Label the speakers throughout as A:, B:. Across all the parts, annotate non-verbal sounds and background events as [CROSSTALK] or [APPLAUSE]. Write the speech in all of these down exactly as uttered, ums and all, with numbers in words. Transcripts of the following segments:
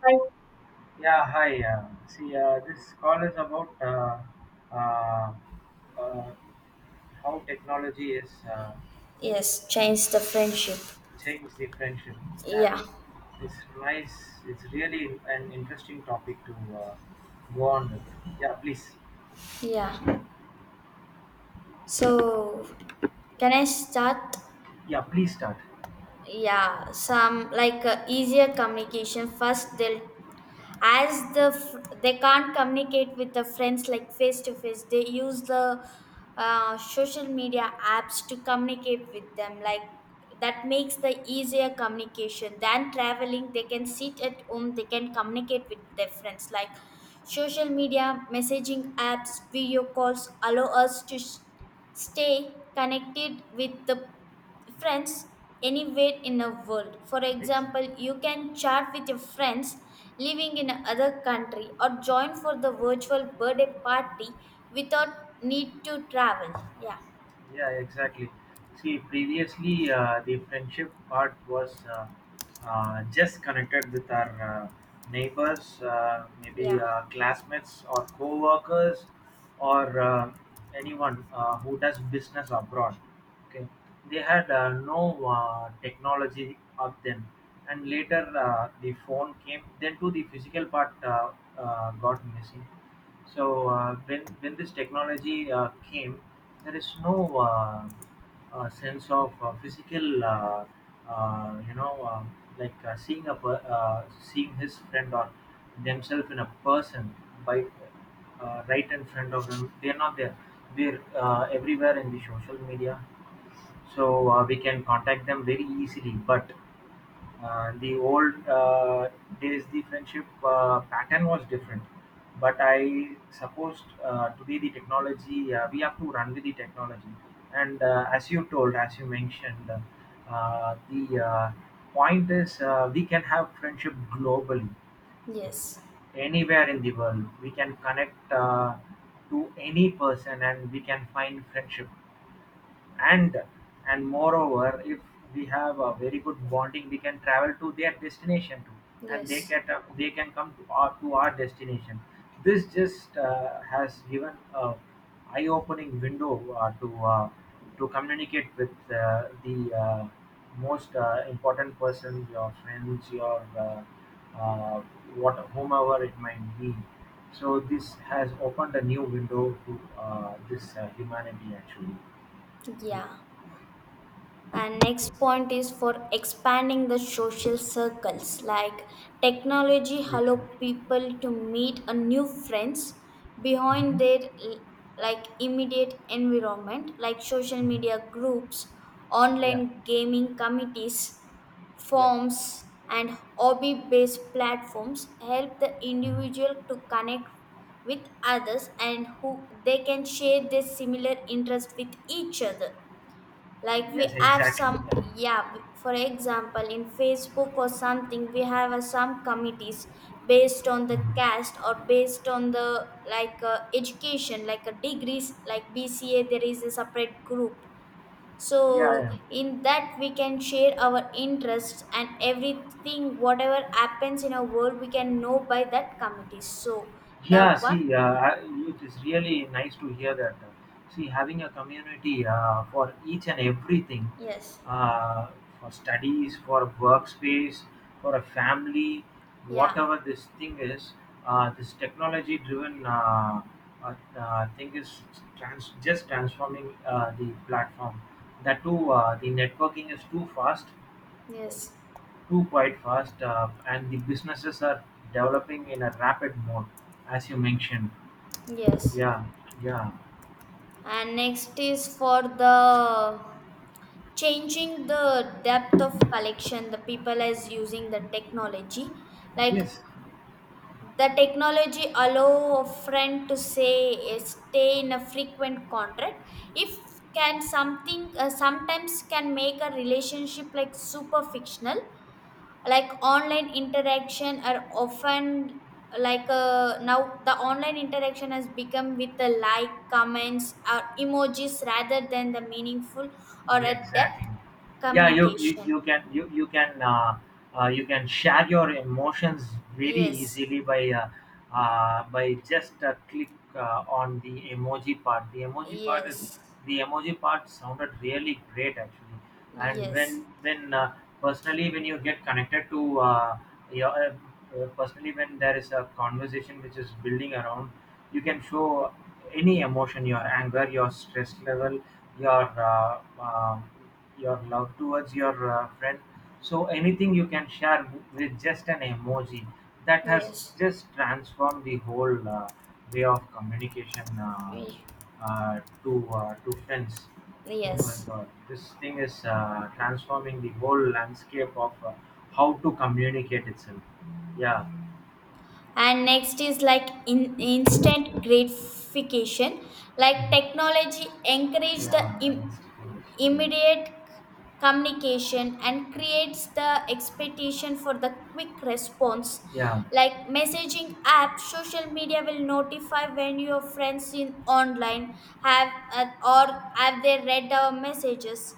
A: Right.
B: Yeah, hi. Uh, see, uh, this call is about uh, uh, uh, how technology is uh,
A: Yes, change the friendship.
B: changed the friendship. Yeah,
A: Yeah,
B: it's nice. It's really an interesting topic to uh, go on with. Yeah, please.
A: yeah. So, can I start?
B: Yeah, please start.
A: Yeah, some like uh, easier communication. First, they'll as the fr- they can't communicate with the friends like face to face, they use the uh, social media apps to communicate with them, like that makes the easier communication than traveling. They can sit at home, they can communicate with their friends, like social media messaging apps, video calls allow us to s- stay connected with the friends anywhere in the world. For
B: Ex-
A: example, you can chat with your friends living in other country or join for the virtual birthday party without need to travel. Yeah,
B: Yeah, exactly. See, previously uh, the friendship part was, Uh, uh, just connected with our uh, neighbors, uh, maybe
A: yeah,
B: uh, classmates or co-workers, or uh, anyone uh, who does business abroad. Okay, they had uh, no uh, technology of them, and later uh, the phone came. Then too, the physical part uh, uh, got missing. So uh, when when this technology uh, came, there is no Uh, uh, sense of uh, physical, uh, uh, you know, uh, like uh, seeing a per- uh, seeing his friend or themselves in a person by uh, right in front of them. They're not there. They're uh, everywhere in the social media, so uh, we can contact them very easily. But uh, the old uh, days, the friendship uh, pattern was different. But I suppose uh, today the technology, uh, we have to run with the technology. And uh, as you told, as you mentioned, uh, the uh, point is uh, we can have friendship globally,
A: yes,
B: anywhere in the world. We can connect uh, to any person and we can find friendship. And and moreover, if we have a very good bonding, we can travel to their destination too, and they
A: yes,
B: can they can come to our to our destination. This just uh, has given a eye-opening window uh, to uh, to communicate with uh, the uh, most uh, important person, your friends, your uh, uh, what whomever it might be. So this has opened a new window to uh, this uh, humanity actually.
A: yeah. And next point is for expanding the social circles. Like technology allow
B: Exactly.
A: people to meet a new friends
B: Mhm.
A: behind their like immediate environment, like social
B: Mhm.
A: media groups,
B: Yeah,
A: online gaming committees,
B: yeah.
A: forms and hobby-based platforms help the
B: Mhm.
A: individual to connect with others and who they can share their similar interest with each other, like we
B: Yes,
A: have
B: exactly.
A: some,
B: Yeah.
A: yeah, for example in facebook or something we have uh, some committees based on the
B: Mhm.
A: caste or based on the like uh, education, like a degrees like bca, there is a separate group. So
B: Yeah.
A: in that we can share our interests and everything, whatever happens in our world we can know by that committee. So that
B: Yeah,
A: one,
B: see, uh, I- it is really nice to hear that. See, having a community uh, for each and everything,
A: yes,
B: uh, for studies, for workspace, for a family,
A: yeah,
B: whatever this thing is, uh, this technology-driven uh, uh, uh, thing is trans- just transforming uh, the platform. That too, uh, the networking is too fast,
A: yes,
B: too quite fast, uh, and the businesses are developing in a rapid mode, as you mentioned.
A: yes.
B: Yeah, yeah.
A: And next is for the changing the depth of collection. The people is using the technology, like
B: Yes.
A: the technology allow a friend to say, eh, stay in a frequent contract. If can something, uh, sometimes can make a relationship like super fictional, like online interaction are often like uh, now the online interaction has become with the like comments or emojis rather than the meaningful or
B: Yeah,
A: a
B: exactly.
A: depth
B: Yeah, you you,
A: communication.
B: you can you you can uh, uh, you can share your emotions very
A: Yes,
B: easily by uh, uh, by just a click uh, on the emoji part. The emoji part
A: yes,
B: is the emoji part sounded really great actually, and
A: yes,
B: when when uh, personally when you get connected to uh, your uh, personally when there is a conversation which is building around, you can show, any emotion your anger your stress level your uh, um your love towards your uh, friend. So anything you can share with just an emoji. That has
A: yes,
B: just transformed the whole uh, way of communication uh,
A: Y-
B: uh, to uh, to friends. Oh my
A: yes.
B: god, this thing is uh, transforming the whole landscape of uh, how to communicate itself. Yeah.
A: And next is like in, instant gratification, like technology encourage the
B: Yeah,
A: im-
B: I
A: immediate communication and creates the expectation for the quick response,
B: yeah. Yeah.
A: like messaging app, social media will notify when your friends in online have uh, or have they read our messages,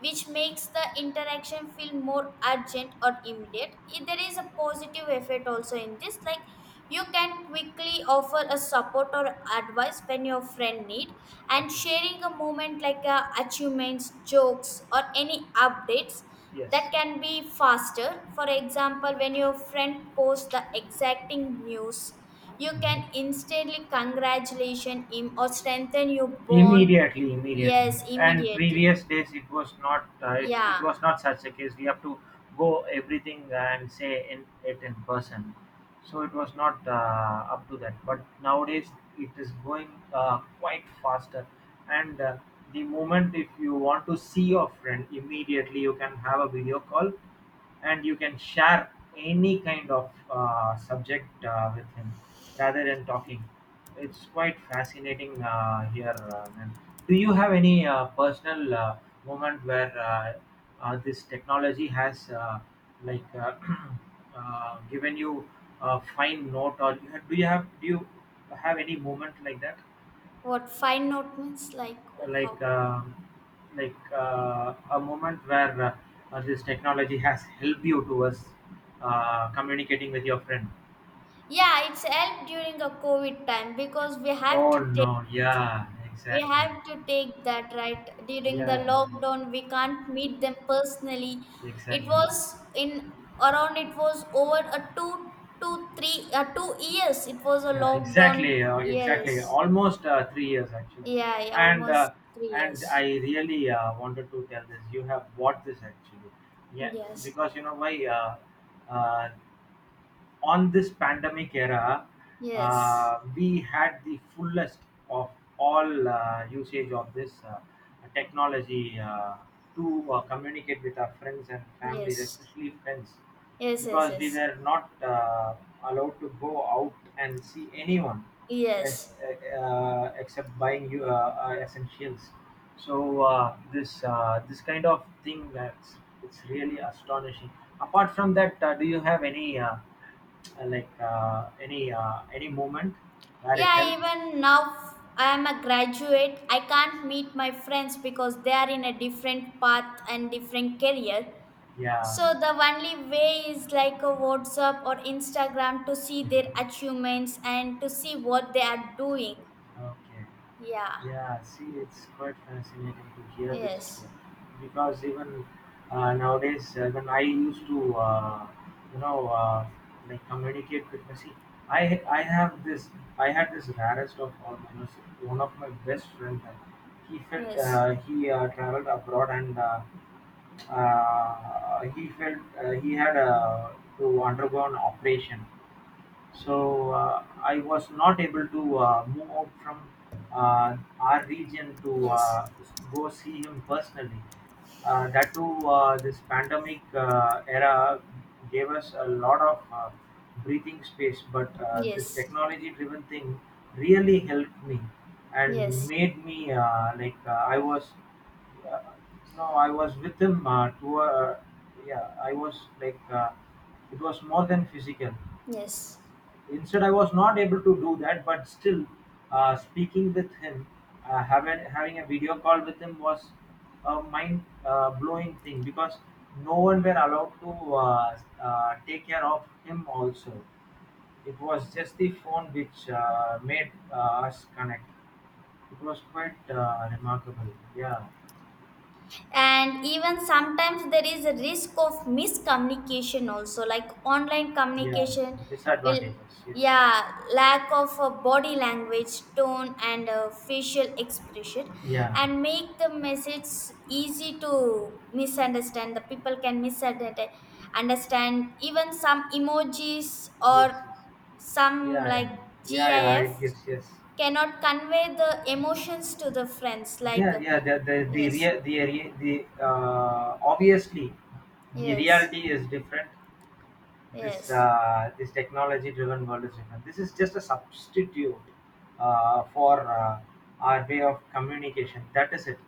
A: which makes the interaction feel more urgent or immediate. If there is a positive effect also in this, like you can quickly offer a support or advice when your friend need, and
B: Okay.
A: sharing a moment like uh, achievements, jokes or any updates,
B: Yes.
A: that can be faster. For example, when your friend posts the exacting news, you can instantly congratulate him or strengthen your bond.
B: Immediately, immediately.
A: Yes,
B: And
A: immediately,
B: previous days it was not uh, it, it was
A: yeah.
B: not such a case. We have to go everything and say in it in person. So it was not uh, up to that. But nowadays it is going uh, quite faster. And uh, the moment if you want to see your friend immediately, you can have a video call and you can share any kind of uh, subject uh, with him rather than talking. It's quite fascinating uh, here, uh, ma'am. Do you have any uh, personal uh, moment where uh, uh, this technology has uh, like uh, [CLEARS THROAT] uh, given you a fine note, or you have, do you have do you have any moment like that,
A: What fine note means, like, oh,
B: like
A: how?
B: um like uh, a moment where uh, uh, this technology has helped you towards uh, communicating with your friend?
A: Yeah, it's helped during a COVID time because we have
B: Oh
A: to take
B: no, yeah,
A: we
B: exactly,
A: have to take that right during the
B: yeah,
A: lockdown. We can't meet them personally. It
B: exactly.
A: was in around it was over a two two three uh, two years. It was a
B: Yeah,
A: lockdown.
B: exactly, uh, exactly.
A: Yes.
B: Almost uh, three years actually,
A: Yeah, yeah,
B: and uh,
A: almost three
B: and I
A: years.
B: really uh, wanted to tell this. You have bought this actually, yeah,
A: Yes.
B: because you know why. Uh, uh, on this pandemic era,
A: Yes.
B: uh, we had the fullest of all uh, usage of this uh, technology uh, to uh, communicate with our friends and families,
A: Yes.
B: especially friends,
A: Yes. Yes.
B: because we
A: Yes.
B: were not uh, allowed to go out and see anyone as,
A: Yes.
B: uh, except buying you uh, uh, essentials. So uh, this uh, this kind of thing that's it's really astonishing. Apart from that, uh, do you have any? Uh, uh, like uh, any uh, any moment where it
A: Yeah,
B: helped.
A: even now I am a graduate. I can't meet my friends because they are in a different path and different career.
B: Yeah.
A: So the only way is like a WhatsApp or Instagram to see their achievements and to see what they are doing.
B: Okay.
A: Yeah.
B: Yeah, see, it's quite fascinating to hear this
A: Yes.
B: story because even uh, nowadays, uh, when I used to, uh, you know, uh, like communicate with my see, I ha- I have this, I had this rarest of all manners. One of my best friends, he felt
A: Yes.
B: uh, he uh, traveled abroad and uh, uh, he felt uh, he had uh, to undergo an operation, so uh, I was not able to uh, move out from uh, our region to
A: Yes.
B: uh, go see him personally. Uh, that too, uh, this pandemic uh, era gave us a lot of uh, breathing space, but uh, this
A: Yes.
B: technology driven thing really helped me and
A: Yes.
B: made me uh, like uh, I was uh, no, I was with him uh, to uh, yeah, I was like uh, it was more than physical.
A: Yes.
B: Instead, I was not able to do that, but still, uh, speaking with him, uh, having having a video call with him was a mind uh, blowing thing because no one were allowed to uh, uh, take care of him. Also, it was just the phone which uh, made uh, us connect. It was quite uh, remarkable. Yeah,
A: And even sometimes there is a risk of miscommunication also, like online
B: yeah.
A: communication will,
B: Disadvantages. Yes.
A: yeah, lack of a body language, tone and uh facial expression,
B: Yeah.
A: and make the message easy to misunderstand. The people can misunderstand understand even some emojis
B: Yes.
A: or
B: Yes. Yeah.
A: some
B: Yeah.
A: like
B: Yeah. Yeah. Yeah,
A: gif
B: it gives. Yes.
A: cannot convey the emotions to the friends like
B: Yeah,
A: uh,
B: yeah. The the the
A: yes.
B: rea- the, rea- the uh, obviously the
A: Yes,
B: reality is different. This
A: yes,
B: uh, this technology-driven world is different. This is just a substitute uh, for uh, our way of communication. That is it.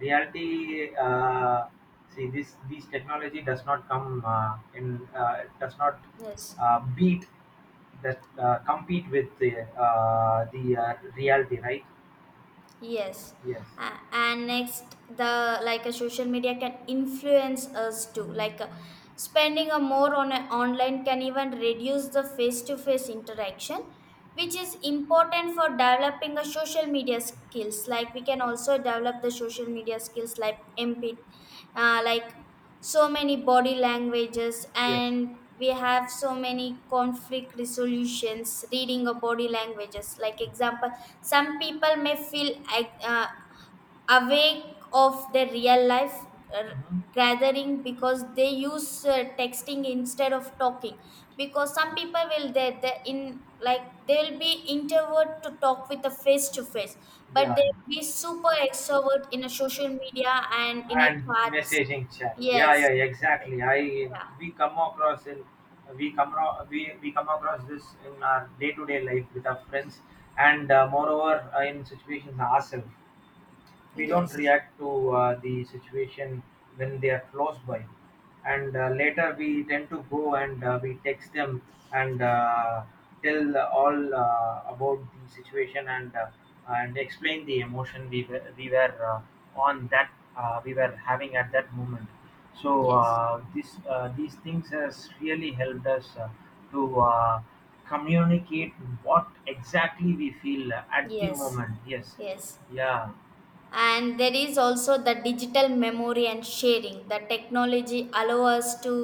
B: Reality. Uh, see, this these technology does not come uh, in. Uh, it does not
A: yes.
B: uh, beat that uh, compete with the uh, the uh, reality, right?
A: Yes.
B: Yes.
A: A- and next, the like a social media can influence us too. Like uh, spending a more on a online can even reduce the face-to-face interaction, which is important for developing a social media skills. Like we can also develop the social media skills like empathy, uh, like so many body languages,
B: Yes.
A: and we have so many conflict resolutions reading a body languages, like example some people may feel like, uh, awake of their real life uh,
B: Mhm.
A: gathering because they use uh, texting instead of talking. Because some people will they they in like they will be introvert to talk with a face to face, but
B: Yeah,
A: they
B: yeah.
A: will be super extrovert in a social media and in a
B: And
A: chats.
B: messaging chat. Yeah,
A: Yes.
B: yeah, exactly. I we come across in we come ro- we, we come across this in our day to day life with our friends, and uh, moreover uh, in situations ourselves.
A: Yeah.
B: We don't
A: Yes.
B: react to uh, the situation when they are close by and uh, later we tend to go and uh, we text them and uh, tell all uh, about the situation and uh, and explain the emotion we were, we were uh, on that uh, we were having at that moment. So
A: Yes.
B: uh, this uh, these things has really helped us uh, to uh, communicate what exactly we feel at the
A: Yes.
B: moment. Yes.
A: Yes.
B: Yeah.
A: And there is also the digital memory and sharing. The technology allow us to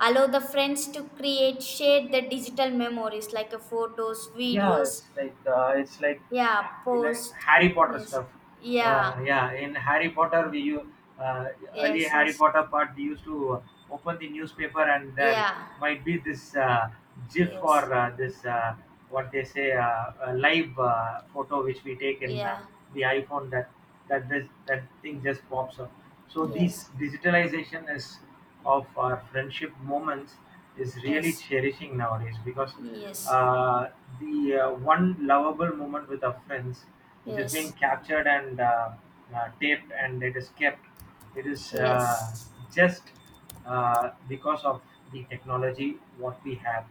A: allow the friends to create share the digital memories like a photos,
B: Yeah,
A: videos,
B: it's like uh, it's like
A: yeah,
B: like
A: post,
B: Harry Potter
A: yes,
B: stuff.
A: yeah,
B: Uh, yeah, in Harry Potter, we u- uh, early
A: yes,
B: Harry
A: yes,
B: Potter part, we used to open the newspaper and there
A: yeah,
B: might be this uh, GIF or
A: yes,
B: uh, this uh, what they say uh, a live uh, photo which we take in uh,
A: yeah,
B: the iPhone that that this that thing just pops up. So
A: yes,
B: this digitalization is of our friendship moments is really
A: yes,
B: cherishing nowadays because
A: yes,
B: uh, the uh, one lovable moment with our friends, which has been
A: yes,
B: captured and uh, uh, taped and it is kept. It is uh,
A: yes,
B: just uh, because of the technology what we have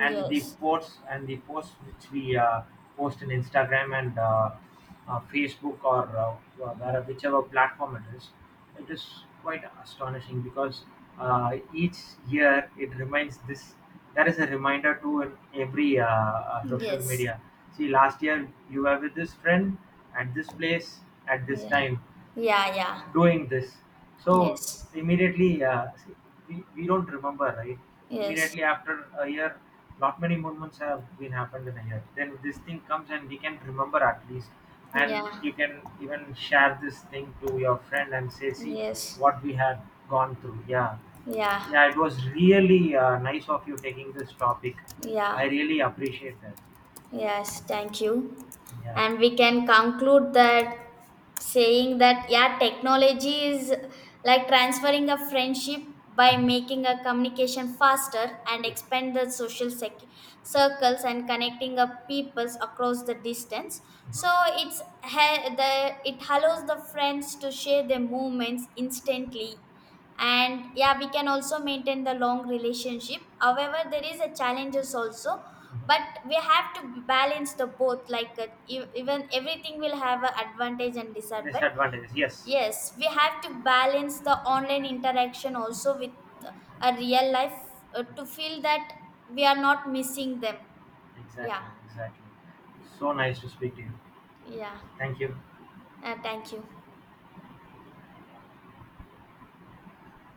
B: and the posts and the posts which we uh, post in Instagram and uh, uh, Facebook or uh, where- whichever platform it is, it is quite astonishing because uh, each year it reminds this. There is a reminder to in every uh, uh, social
A: yes,
B: media. See, last year you were with this friend at this place at this
A: yeah,
B: time,
A: yeah, yeah,
B: doing this. So
A: yes,
B: immediately, uh, see, we, we don't remember, right?
A: yes,
B: Immediately after a year, not many movements have been happened in a year. Then this thing comes and we can remember at least, and
A: yeah.
B: you can even share this thing to your friend and say, see
A: Yes.
B: what we had gone through. Yeah,
A: Yeah.
B: yeah, it was really uh, nice of you taking this topic. I
A: Yeah.
B: really appreciate that.
A: Yes, thank you.
B: Yeah.
A: And we can conclude that saying that, yeah, technology is like transferring a friendship by making a communication faster and
B: Yes.
A: expand the social sec- circles and connecting up peoples across the distance.
B: Mhm.
A: So it's ha- the it allows the friends to share their movements instantly, and yeah, we can also maintain the long relationship. However, there is a challenges also,
B: Mhm.
A: but we have to balance the both, like uh, e- even everything will have an advantage and disadvantage.
B: Disadvantages. Yes.
A: Yes, we have to balance the online interaction also with a real life uh, to feel that we are not missing them. Yeah,
B: Exactly, exactly. So nice to speak to you.
A: yeah,
B: Thank you.
A: uh, thank you.